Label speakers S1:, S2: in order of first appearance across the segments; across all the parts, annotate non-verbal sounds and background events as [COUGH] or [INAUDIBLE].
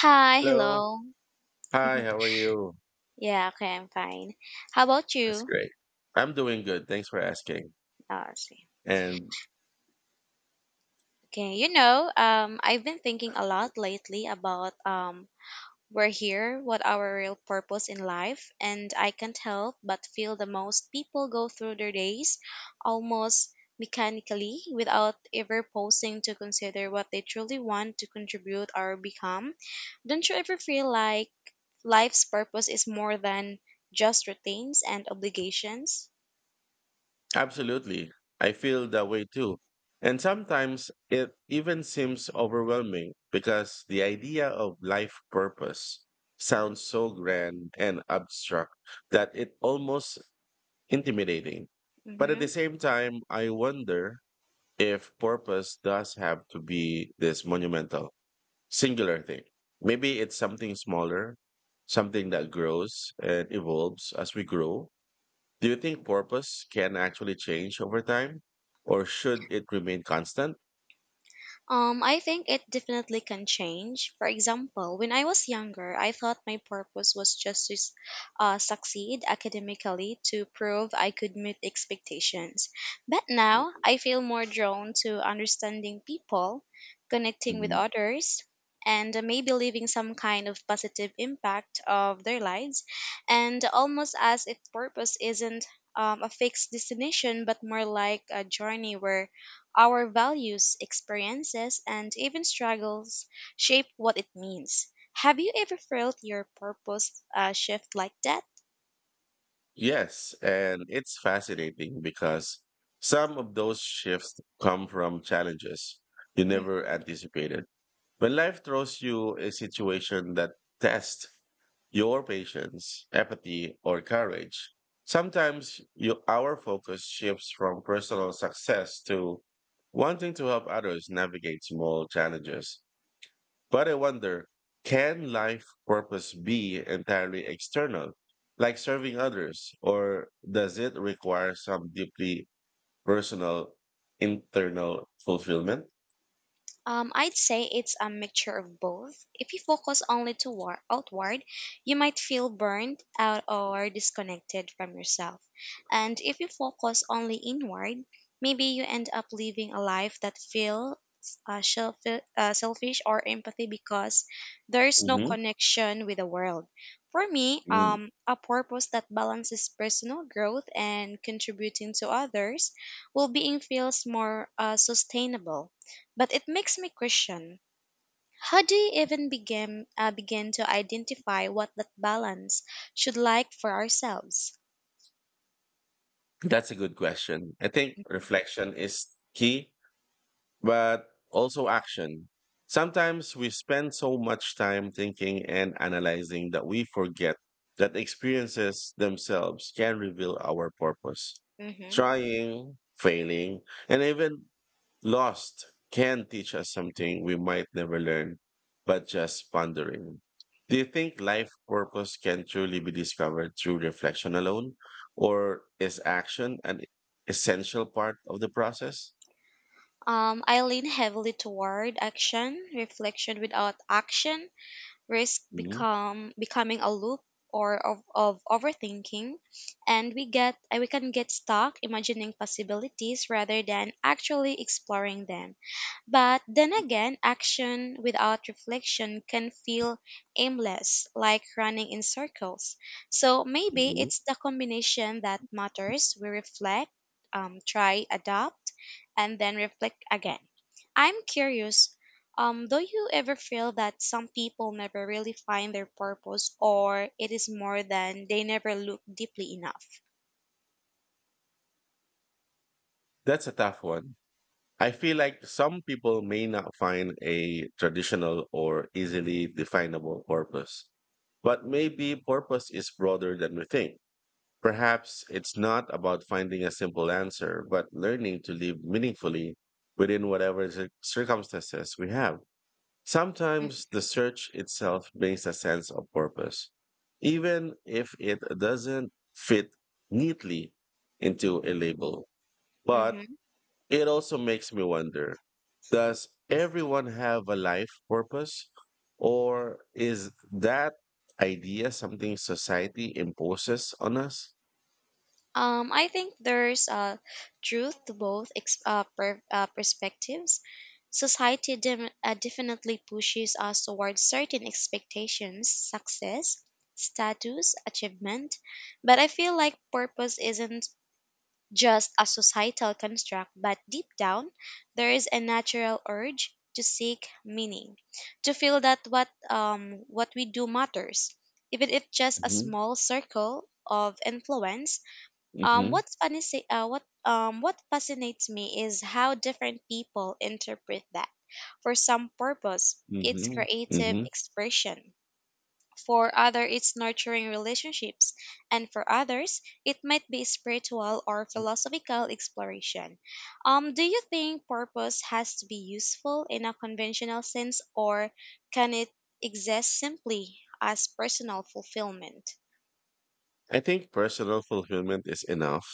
S1: Hi,
S2: Hello.
S1: hello.
S2: Hi, how are you?
S1: Yeah, okay, I'm fine. How about
S2: That's
S1: you?
S2: great. I'm doing good. Thanks for asking.
S1: Let see.
S2: And
S1: Okay, I've been thinking a lot lately about we're here, what our real purpose in life, and I can't help but feel the most people go through their days almost mechanically without ever pausing to consider what they truly want to contribute or become. Don't you ever feel like life's purpose is more than just routines and obligations?
S2: absolutely, I feel that way too. And sometimes it even seems overwhelming because the idea of life purpose sounds so grand and abstract that it almost intimidating. But at the
S1: Mm-hmm.
S2: same time, I wonder if purpose does have to be this monumental, singular thing. Maybe it's something smaller, something that grows and evolves as we grow. Do you think purpose can actually change over time or should it remain constant?
S1: I think it definitely can change. For example, when I was younger, I thought my purpose was just to succeed academically to prove I could meet expectations. But now, I feel more drawn to understanding people, connecting with
S2: Mm.
S1: others, and maybe leaving some kind of positive impact of their lives. And almost as if purpose isn't a fixed destination, but more like a journey where our values, experiences, and even struggles shape what it means. Have you ever felt your purpose shift like that?
S2: Yes, and it's fascinating because some of those shifts come from challenges you never anticipated. When life throws you a situation that tests your patience, empathy, or courage. Sometimes you, our focus shifts from personal success to wanting to help others navigate small challenges. But I wonder, can life purpose be entirely external, like serving others, or does it require some deeply personal internal fulfillment?
S1: I'd say it's a mixture of both. If you focus only outward, you might feel burned out or disconnected from yourself. And if you focus only inward, maybe you end up living a life that feels selfish or empathy because there's no
S2: Mhm.
S1: connection with the world. For me,
S2: Mm.
S1: a purpose that balances personal growth and contributing to others well being feels more sustainable. But it makes me question, how do you even begin to identify what that balance should like for ourselves?
S2: That's a good question. I think reflection is key, but also action. Sometimes we spend so much time thinking and analyzing that we forget that experiences themselves can reveal our purpose.
S1: hmm
S2: Trying, failing, and even lost can teach us something we might never learn, but just pondering. Do you think life purpose can truly be discovered through reflection alone, or is action an essential part of the process?
S1: I lean heavily toward action, reflection without action, risk
S2: Mhm,
S1: become becoming a loop or of overthinking, and we can get stuck imagining possibilities rather than actually exploring them. But then again, action without reflection can feel aimless, like running in circles. So maybe
S2: mhm.
S1: it's the combination that matters. We reflect, try, adopt, and then reflect again. I'm curious, do you ever feel that some people never really find their purpose, or it is more than they never look deeply enough?
S2: That's a tough one. I feel like some people may not find a traditional or easily definable purpose, but maybe purpose is broader than we think. Perhaps it's not about finding a simple answer, but learning to live meaningfully within whatever circumstances we have. Sometimes the search itself brings a sense of purpose, even if it doesn't fit neatly into a label. But
S1: Mhm.
S2: it also makes me wonder, does everyone have a life purpose? Or is that idea something society imposes on us?
S1: I think there's truth to both perspectives. Society definitely pushes us towards certain expectations, success, status, achievement. But I feel like purpose isn't just a societal construct, but deep down, there is a natural urge to seek meaning, to feel that what we do matters, even if just a
S2: Hmm.
S1: small circle of influence
S2: Hmm.
S1: what's funny, say, what fascinates me is how different people interpret that. For some purpose, it's
S2: Hmm.
S1: creative
S2: Hmm.
S1: expression. For other, it's nurturing relationships, and for others, it might be spiritual or philosophical exploration. Do you think purpose has to be useful in a conventional sense, or can it exist simply as personal fulfillment?
S2: I think personal fulfillment is enough,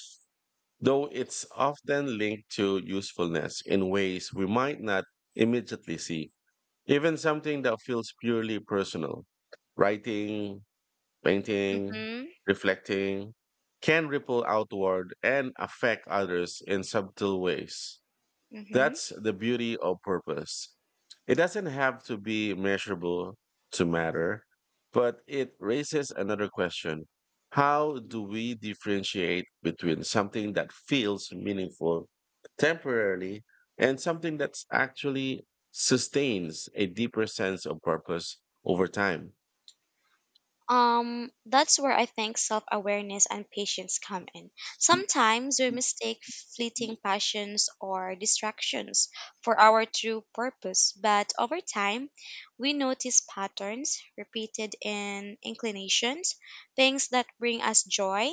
S2: though it's often linked to usefulness in ways we might not immediately see. Even something that feels purely personal, writing, painting,
S1: Mm-hmm.
S2: reflecting, can ripple outward and affect others in subtle ways.
S1: Mm-hmm.
S2: That's the beauty of purpose. It doesn't have to be measurable to matter, but it raises another question. How do we differentiate between something that feels meaningful temporarily and something that actually sustains a deeper sense of purpose over time?
S1: That's where I think self awareness and patience come in. Sometimes we mistake fleeting passions or distractions for our true purpose, but over time, we notice patterns repeated in inclinations, things that bring us joy,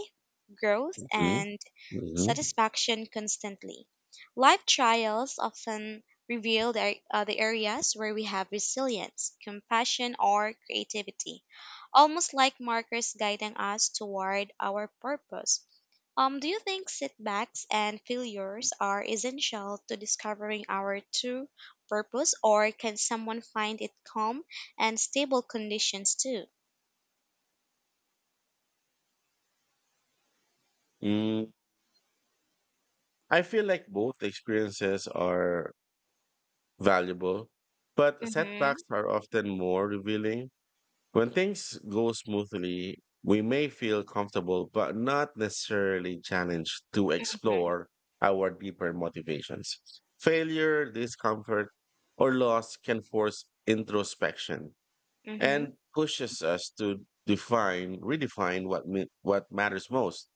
S1: growth,
S2: Mhm,
S1: and
S2: mhm.
S1: satisfaction constantly. Life trials often reveal the areas where we have resilience, compassion, or creativity almost like markers guiding us toward our purpose. Do you think setbacks and failures are essential to discovering our true purpose, or can someone find it calm and stable conditions too?
S2: Mm. I feel like both experiences are valuable, but
S1: Mm-hmm,
S2: setbacks are often more revealing. When things go smoothly, we may feel comfortable, but not necessarily challenged to
S1: mm-hmm,
S2: explore our deeper motivations. Failure, discomfort, or loss can force introspection
S1: mm-hmm,
S2: and pushes us to define, redefine what, what matters most.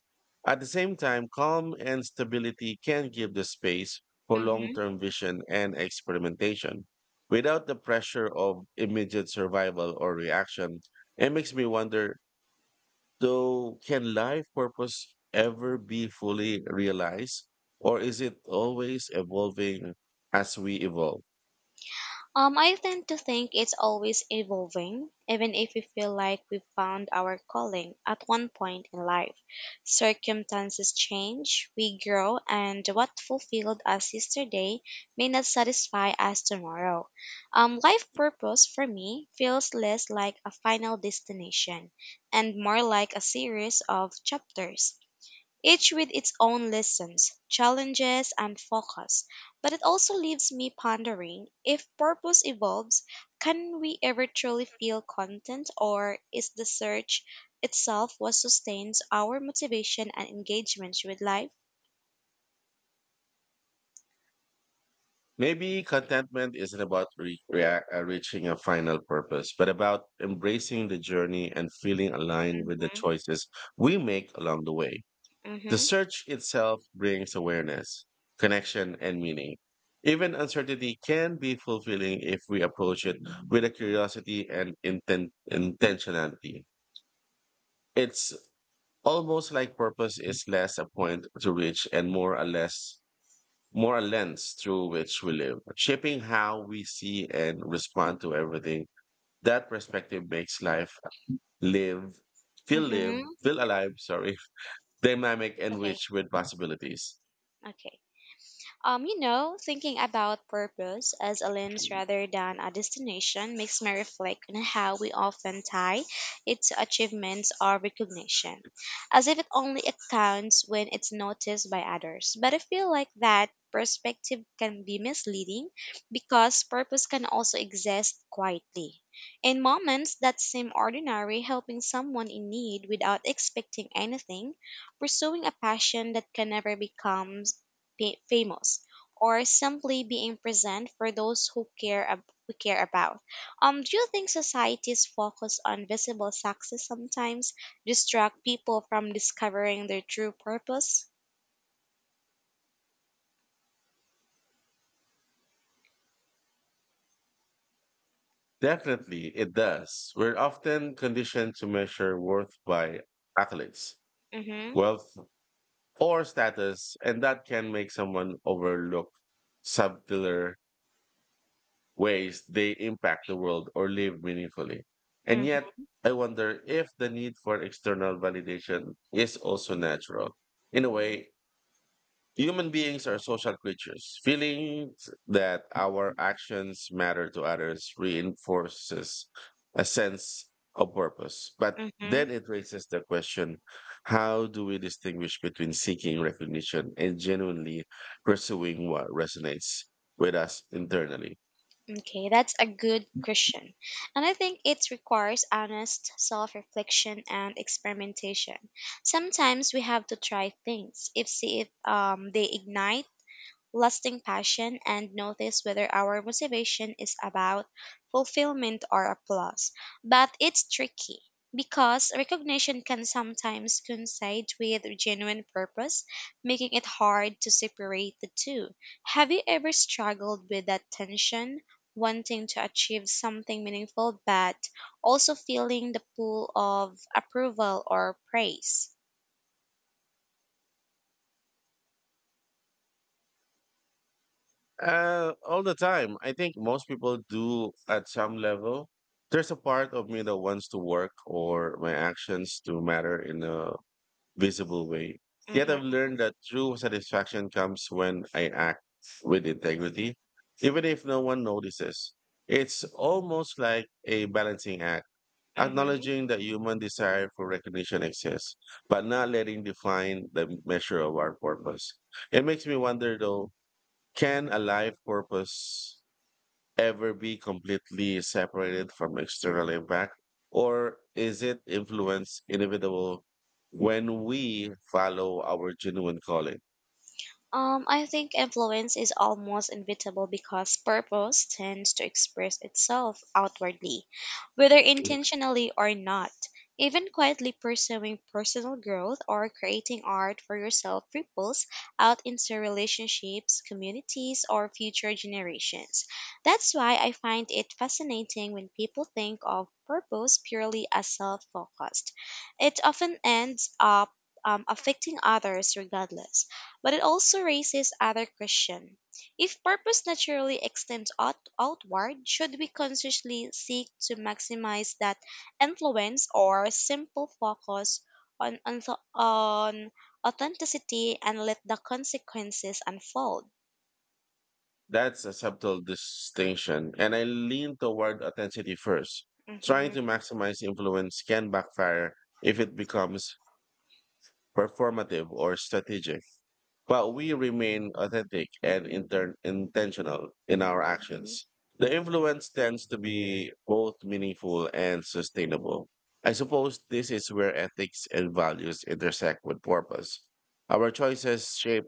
S2: At the same time, calm and stability can give the space for long
S1: mm-hmm.
S2: term vision and experimentation. Without the pressure of immediate survival or reaction, it makes me wonder though, can life purpose ever be fully realized, or is it always evolving as we evolve?
S1: I tend to think it's always evolving, even if we feel like we've found our calling at 1 point in life. Circumstances change, we grow, and what fulfilled us yesterday may not satisfy us tomorrow. Life purpose for me feels less like a final destination and more like a series of chapters each with its own lessons, challenges, and focus. But it also leaves me pondering if purpose evolves, can we ever truly feel content, or is the search itself what sustains our motivation and engagement with life?
S2: Maybe contentment isn't about reaching a final purpose, but about embracing the journey and feeling aligned with the
S1: Mm-hmm,
S2: choices we make along the way. The
S1: mm-hmm,
S2: search itself brings awareness, connection, and meaning. Even uncertainty can be fulfilling if we approach it with a curiosity and intentionality. It's almost like purpose is less a point to reach and more a less moral lens through which we live, shaping how we see and respond to everything. That perspective makes life live, live,
S1: mm-hmm.
S2: feel alive, sorry, [LAUGHS] dynamic
S1: It's
S2: and
S1: okay,
S2: rich with possibilities.
S1: okay. Thinking about purpose as a lens rather than a destination makes me reflect on how we often tie it to achievements or recognition, as if it only accounts when it's noticed by others. But I feel like that perspective can be misleading because purpose can also exist quietly. In moments that seem ordinary, helping someone in need without expecting anything, pursuing a passion that can never become famous or simply being present for those who we care about. Do you think society's focus on visible success sometimes distract people from discovering their true purpose?
S2: Definitely, it does. We're often conditioned to measure worth by accolades,
S1: Mm-hmm.
S2: wealth, or status, and that can make someone overlook subtler ways they impact the world or live meaningfully. And yet,
S1: Mm-hmm.
S2: I wonder if the need for external validation is also natural. In a way, human beings are social creatures. Feeling that our actions matter to others reinforces a sense of purpose. But
S1: mm-hmm.
S2: then it raises the question, how do we distinguish between seeking recognition and genuinely pursuing what resonates with us internally?
S1: Okay, that's a good question. And I think it requires honest self reflection and experimentation. Sometimes we have to try things if see if they ignite lasting passion and notice whether our motivation is about fulfillment or applause. But it's tricky because recognition can sometimes coincide with genuine purpose, making it hard to separate the two. Have you ever struggled with that tension? Wanting to achieve something meaningful, but also feeling the pull of approval or praise.
S2: All the time. I think most people do at some level. There's a part of me that wants to work or my actions to matter in a visible way. Yet I've
S1: Mm-hmm,
S2: learned that true satisfaction comes when I act with integrity, even if no one notices. It's almost like a balancing act,
S1: mm-hmm.
S2: acknowledging that human desire for recognition exists, but not letting define the measure of our purpose. It makes me wonder though, can a life purpose ever be completely separated from external impact? Or is it influence inevitable when we follow our genuine calling?
S1: I think influence is almost inevitable because purpose tends to express itself outwardly, whether intentionally or not. Even quietly pursuing personal growth or creating art for yourself ripples out into relationships, communities, or future generations. That's why I find it fascinating when people think of purpose purely as self focused. It often ends up affecting others regardless but it also raises other question. If purpose naturally extends outward, should we consciously seek to maximize that influence or simple focus on, on, on authenticity and let the consequences unfold?
S2: That's a subtle distinction, and I lean toward authenticity first. Trying
S1: hmm
S2: to maximize influence can backfire if it becomes performative or strategic. But we remain authentic and intentional in our actions. The influence tends to be both meaningful and sustainable. I suppose this is where ethics and values intersect with purpose. Our choices shape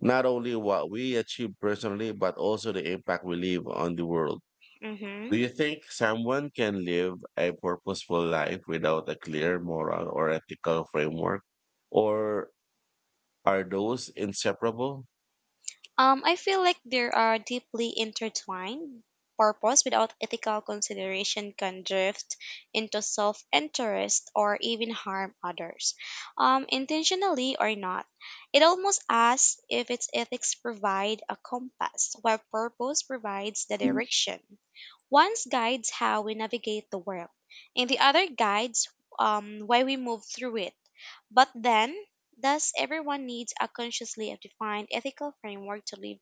S2: not only what we achieve personally, but also the impact we leave on the world.
S1: hmm
S2: Do you think someone can live a purposeful life without a clear moral or ethical framework? Or are those inseparable?
S1: I feel like they are deeply intertwined. Purpose without ethical consideration can drift into self interest or even harm others, intentionally or not. It almost asks if its ethics provide a compass, while purpose provides the direction. One guides how we navigate the world, and the other guides why we move through it. But then, does everyone need a consciously defined ethical framework to live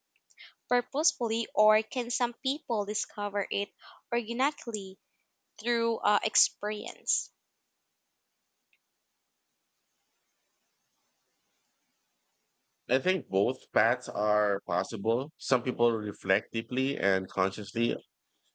S1: purposefully, or can some people discover it organically through experience?
S2: I think both paths are possible. Some people reflect deeply and consciously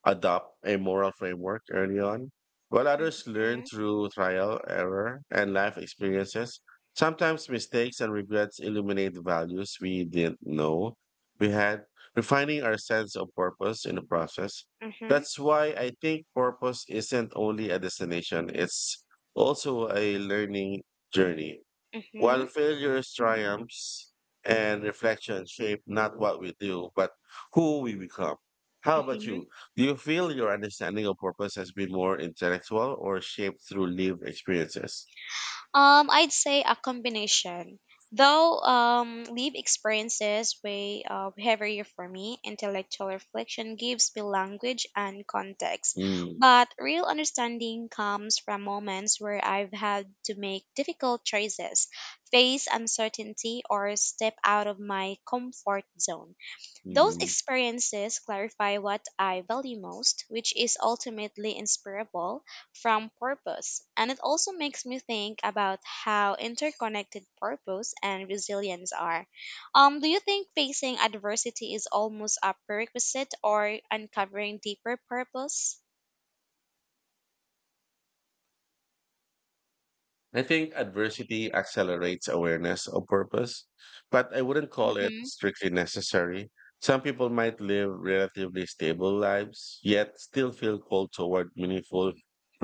S2: adopt a moral framework early on, while others learn
S1: hmm
S2: through trial, error, and life experiences. Sometimes mistakes and regrets illuminate values we didn't know we had, refining our sense of purpose in the process.
S1: hmm
S2: That's why I think purpose isn't only a destination, it's also a learning journey.
S1: hmm
S2: While failures, triumphs, and reflection shape not what we do, but who we become. How about
S1: hmm
S2: you? Do you feel your understanding of purpose has been more intellectual or shaped through lived experiences?
S1: I'd say a combination. Though live experiences weigh heavier for me, intellectual reflection gives me language and context.
S2: Mm,
S1: But real understanding comes from moments where I've had to make difficult choices, face uncertainty, or step out of my comfort zone. Those
S2: mm.
S1: experiences clarify what I value most, which is ultimately inseparable from purpose. And it also makes me think about how interconnected purpose and resilience are. Do you think facing adversity is almost a prerequisite or uncovering deeper purpose?
S2: I think adversity accelerates awareness of purpose, but I wouldn't call it
S1: hmm
S2: strictly necessary. Some people might live relatively stable lives, yet still feel called toward meaningful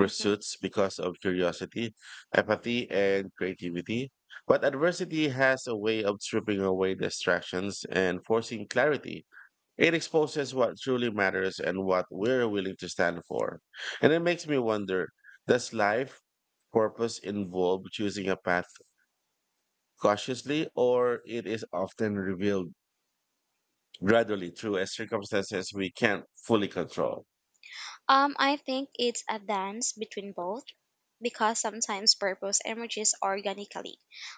S1: hmm
S2: because of curiosity, empathy, and creativity. But adversity has a way of stripping away distractions and forcing clarity. It exposes what truly matters and what we're willing to stand for. And it makes me wonder, does life purpose involve choosing a path cautiously, or it is often revealed gradually through a circumstances we can't fully control?
S1: I think it's a dance between both. Because sometimes purpose emerges organically,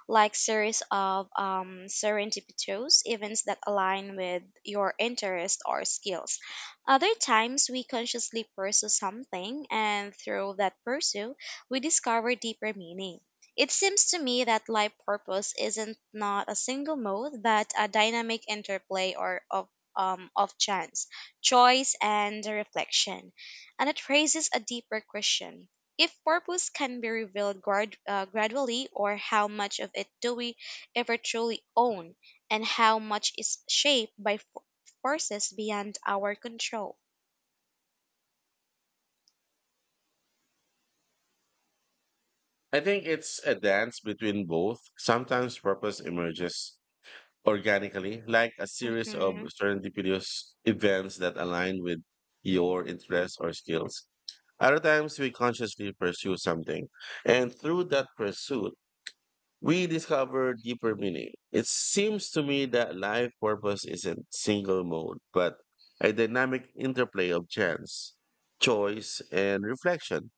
S1: like series of serendipitous events that align with your interests or skills. Other times, we consciously pursue something, and through that pursuit, we discover deeper meaning. It seems to me that life purpose isn't not a single mode, but a dynamic interplay or of chance, choice, and reflection, and it raises a deeper question if purpose can be revealed gradually, or how much of it do we ever truly own, and how much is shaped by forces beyond our control?
S2: I think it's a dance between both. Sometimes purpose emerges organically, like a series of
S1: Mm-hmm.
S2: serendipitous events that align with your interests or skills. Other times, we consciously pursue something, and through that pursuit, we discover deeper meaning. It seems to me that life purpose isn't single mode, but a dynamic interplay of chance, choice, and reflection.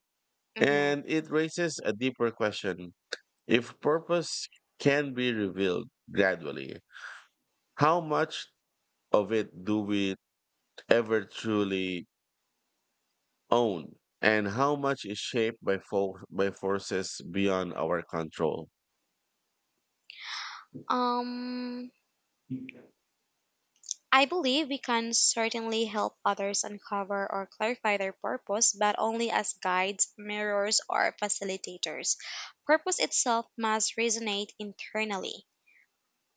S1: Mm-hmm.
S2: And it raises a deeper question, if purpose can be revealed gradually, how much of it do we ever truly own, and how much is shaped by, by forces beyond our control.
S1: Um, I believe we can certainly help others uncover or clarify their purpose, but only as guides, mirrors, or facilitators. Purpose itself must resonate internally.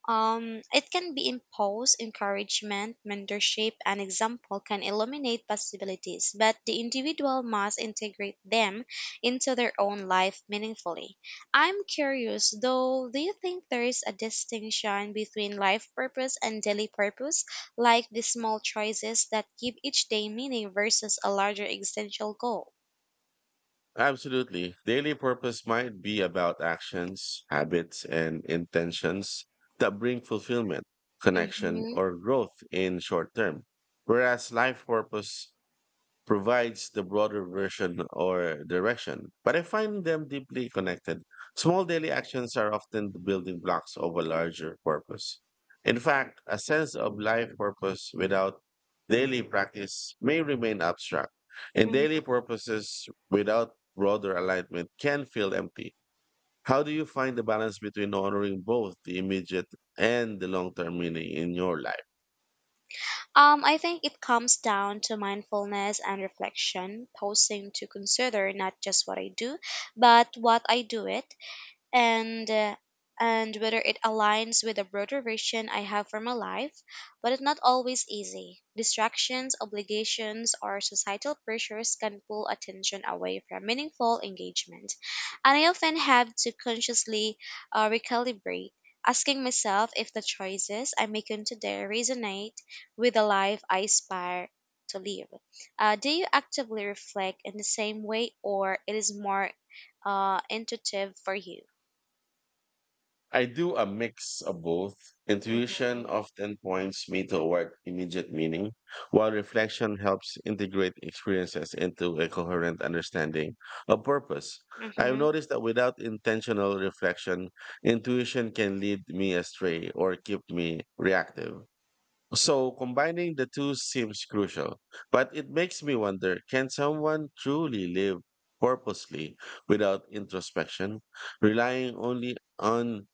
S1: It can be imposed, encouragement, mentorship, and example can illuminate possibilities, but the individual must integrate them into their own life meaningfully. I'm curious, though, do you think there is a distinction between life purpose and daily purpose, like the small choices that give each day meaning versus a larger existential goal?
S2: Absolutely. Daily purpose might be about actions, habits, and intentions that bring fulfillment, connection,
S1: Mm-hmm.
S2: or growth in short term. Whereas life purpose provides the broader version or direction, but I find them deeply connected. Small daily actions are often the building blocks of a larger purpose. In fact, a sense of life purpose without daily practice may remain abstract, and
S1: mm-hmm.
S2: daily purposes without broader alignment can feel empty. How do you find the balance between honoring both the immediate and the long term meaning in your life?
S1: I think it comes down to mindfulness and reflection, pausing to consider not just what I do, but what I do it and uh, and whether it aligns with the broader vision I have for my life, but it's not always easy. Distractions, obligations, or societal pressures can pull attention away from meaningful engagement, and I often have to consciously recalibrate, asking myself if the choices I make today resonate with the life I aspire to live. Do you actively reflect in the same way, or it is more intuitive for you?
S2: I do a mix of both. Intuition
S1: Mhm.
S2: often points me toward immediate meaning, while reflection helps integrate experiences into a coherent understanding of purpose. I've
S1: Mhm.
S2: noticed that without intentional reflection, intuition can lead me astray or keep me reactive. So combining the two seems crucial, but it makes me wonder, can someone truly live purposely without introspection, relying only on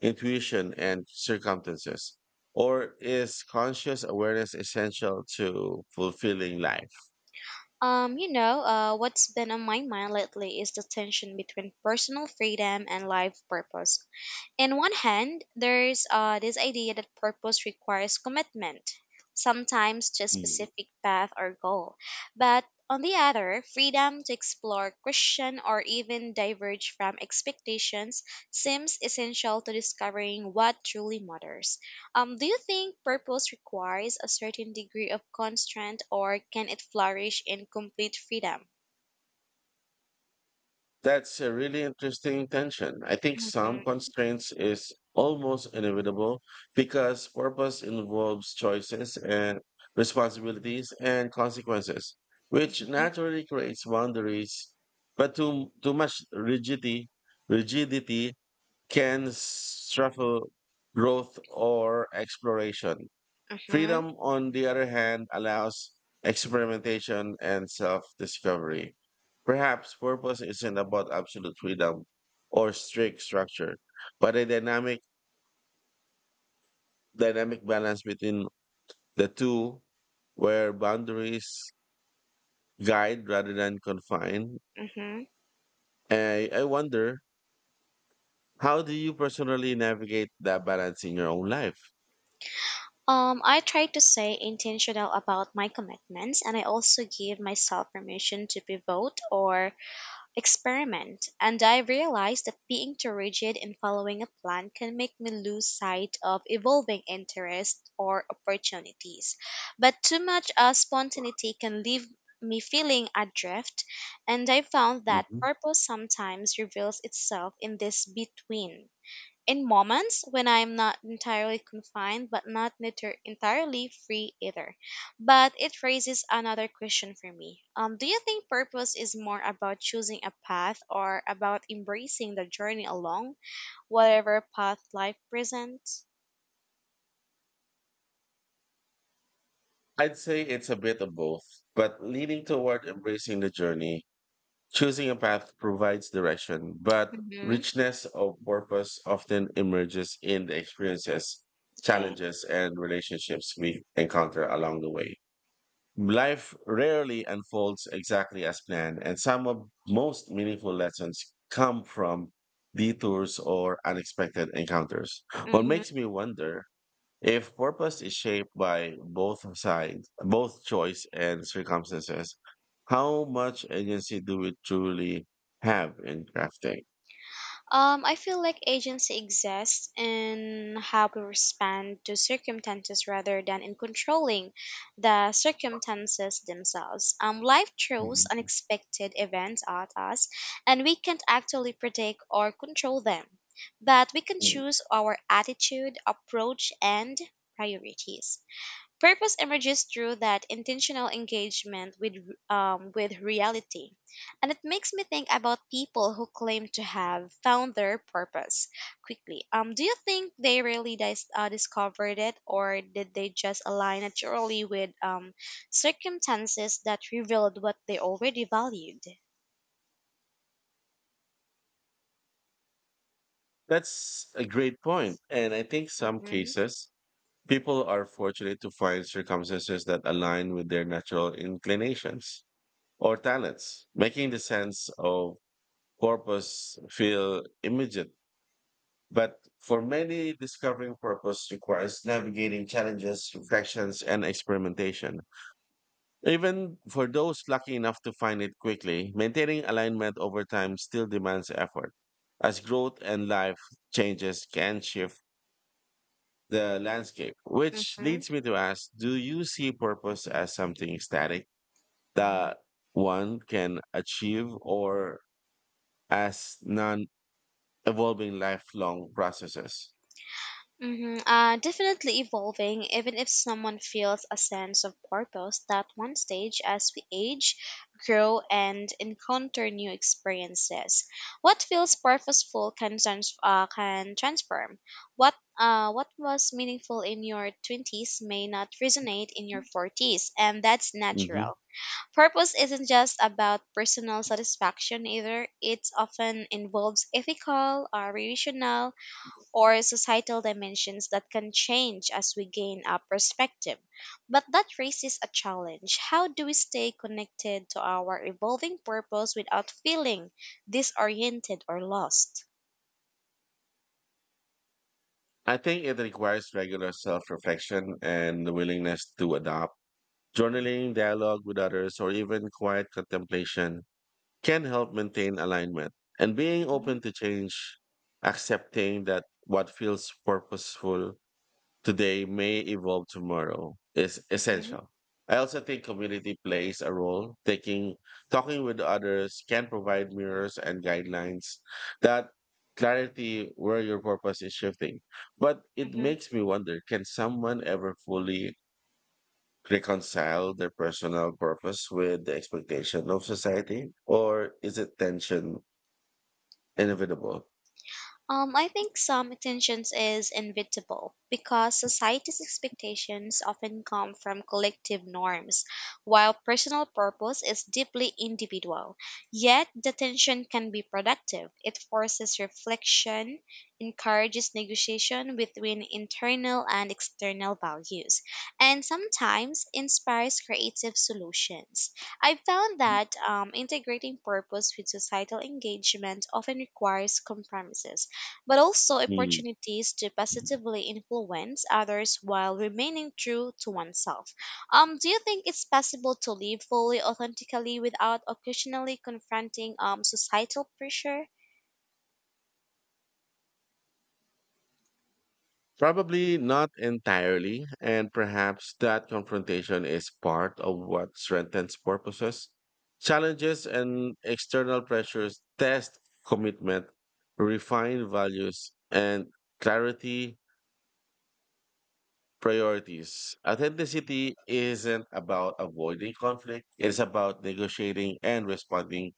S2: intuition and circumstances? Or is conscious awareness essential to fulfilling life?
S1: What's been on my mind lately is the tension between personal freedom and life purpose. In one hand, there's this idea that purpose requires commitment, sometimes to a
S2: Hmm.
S1: specific path or goal. But on the other, freedom to explore, question, or even diverge from expectations seems essential to discovering what truly matters. Do you think purpose requires a certain degree of constraint, or can it flourish in complete freedom?
S2: That's a really interesting tension. I think
S1: hmm
S2: some constraints is almost inevitable because purpose involves choices and responsibilities and consequences, which naturally creates boundaries. But too much rigidity can stifle growth or exploration.
S1: hmm
S2: Freedom, on the other hand, allows experimentation and self discovery. Perhaps purpose isn't about absolute freedom or strict structure, but a dynamic balance between the two where boundaries guide rather than confine.
S1: hmm
S2: I wonder, how do you personally navigate that balance in your own life?
S1: I try to stay intentional about my commitments and I also give myself permission to pivot or experiment. And I realize that being too rigid in following a plan can make me lose sight of evolving interests or opportunities. But too much spontaneity can leave me feeling adrift, and I found that
S2: Mhm.
S1: purpose sometimes reveals itself in this between in moments when I'm not entirely confined, but not entirely free either. But it raises another question for me. Do you think purpose is more about choosing a path or about embracing the journey along whatever path life presents?
S2: I'd say it's a bit of both, but leaning toward embracing the journey. Choosing a path provides direction, but
S1: Mm-hmm.
S2: richness of purpose often emerges in the experiences,
S1: Okay.
S2: challenges, and relationships we encounter along the way. Life rarely unfolds exactly as planned, and some of most meaningful lessons come from detours or unexpected encounters. What
S1: Mm-hmm.
S2: makes me wonder, if purpose is shaped by both sides, both choice and circumstances, how much agency do we truly have in crafting?
S1: I feel like agency exists in how we respond to circumstances rather than in controlling the circumstances themselves. Life throws
S2: Mhm.
S1: unexpected events at us, and we can't actually predict or control them, but we can
S2: Mm.
S1: choose our attitude, approach, and priorities. Purpose emerges through that intentional engagement with reality, and it makes me think about people who claim to have found their purpose quickly. Do you think they really discovered it, or did they just align naturally with circumstances that revealed what they already valued?
S2: That's a great point. And I think some
S1: Mm-hmm.
S2: cases, people are fortunate to find circumstances that align with their natural inclinations or talents, making the sense of purpose feel immediate. But for many, discovering purpose requires navigating challenges, reflections, and experimentation. Even for those lucky enough to find it quickly, maintaining alignment over time still demands effort, as growth and life changes can shift the landscape. Which leads me to ask, do you see purpose as something static that one can achieve, or as non evolving lifelong processes?
S1: Definitely evolving, even if someone feels a sense of purpose that one stage as we age, grow, and encounter new experiences. What feels purposeful can transform. What, what was meaningful in your 20s may not resonate in your 40s, and that's natural. Purpose isn't just about personal satisfaction either, it often involves ethical, relational, or societal dimensions that can change as we gain our perspective. But that raises a challenge. How do we stay connected to our evolving purpose without feeling disoriented or lost?
S2: I think it requires regular self reflection and the willingness to adopt. Journaling, dialogue with others, or even quiet contemplation can help maintain alignment. And being open to change, accepting that what feels purposeful today may evolve tomorrow is
S1: hmm
S2: essential. I also think community plays a role. Taking talking with others can provide mirrors and guidelines that clarity where your purpose is shifting. But it
S1: hmm
S2: makes me wonder, can someone ever fully reconcile their personal purpose with the expectation of society? Or is it tension inevitable?
S1: I think some tensions is inevitable because society's expectations often come from collective norms, while personal purpose is deeply individual. Yet the tension can be productive. It forces reflection, encourages negotiation between internal and external values, and sometimes inspires creative solutions. I found that integrating purpose with societal engagement often requires compromises but also
S2: Mm.
S1: opportunities to positively influence others while remaining true to oneself. Do you think it's possible to live fully authentically without occasionally confronting societal pressure?
S2: Probably not entirely, and perhaps that confrontation is part of what strengthens purposes. Challenges and external pressures test commitment, refine values, and clarity priorities. Authenticity isn't about avoiding conflict, it's about negotiating and responding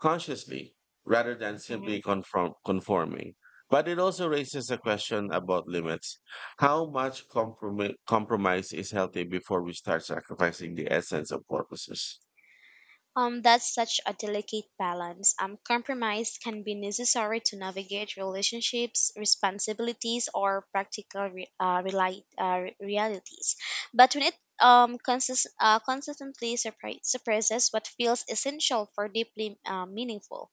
S2: consciously rather than
S1: Mhm.
S2: simply conforming. But it also raises a question about limits. How much compromise is healthy before we start sacrificing the essence of purposes?
S1: That's such a delicate balance. Compromise can be necessary to navigate relationships, responsibilities, or practical realities. But when it consistently suppresses what feels essential for deeply meaningful,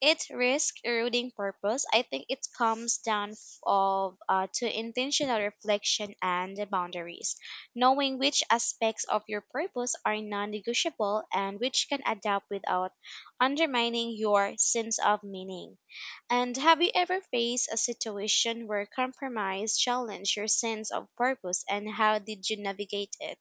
S1: it risks eroding purpose. I think it comes down f- of to intentional reflection and boundaries, knowing which aspects of your purpose are non-negotiable and which can adapt without undermining your sense of meaning. And have you ever faced a situation where compromise challenged your sense of purpose, and how did you navigate it?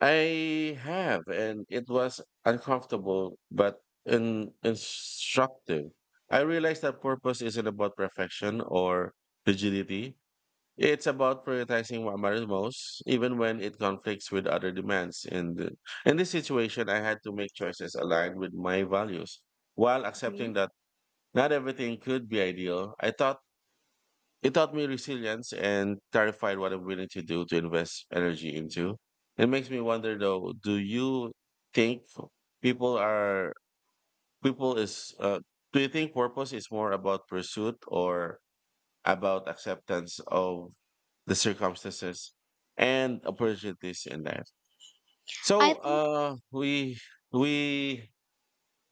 S2: I have, and it was uncomfortable but instructive. I realized that purpose isn't about perfection or rigidity. It's about prioritizing what matters most, even when it conflicts with other demands. And in this situation, I had to make choices aligned with my values while
S1: Mhm.
S2: accepting that not everything could be ideal. I thought it taught me resilience and clarified what I'm willing to do to invest energy into. It makes me wonder though, do you think people are people is do you think purpose is more about pursuit or about acceptance of the circumstances and opportunities in life.
S1: I
S2: So
S1: think
S2: we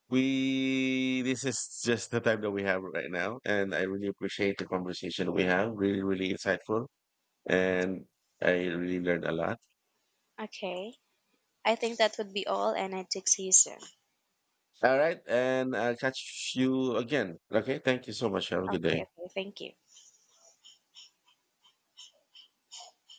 S2: we this is just the time that we have right now and I really appreciate the conversation we have. Really, really insightful and I really learned a lot.
S1: okay. I think that would be all, and I will see you soon.
S2: All right, and I'll catch you again. Okay, thank you so much. Have a good
S1: Okay,
S2: day.
S1: okay, thank you.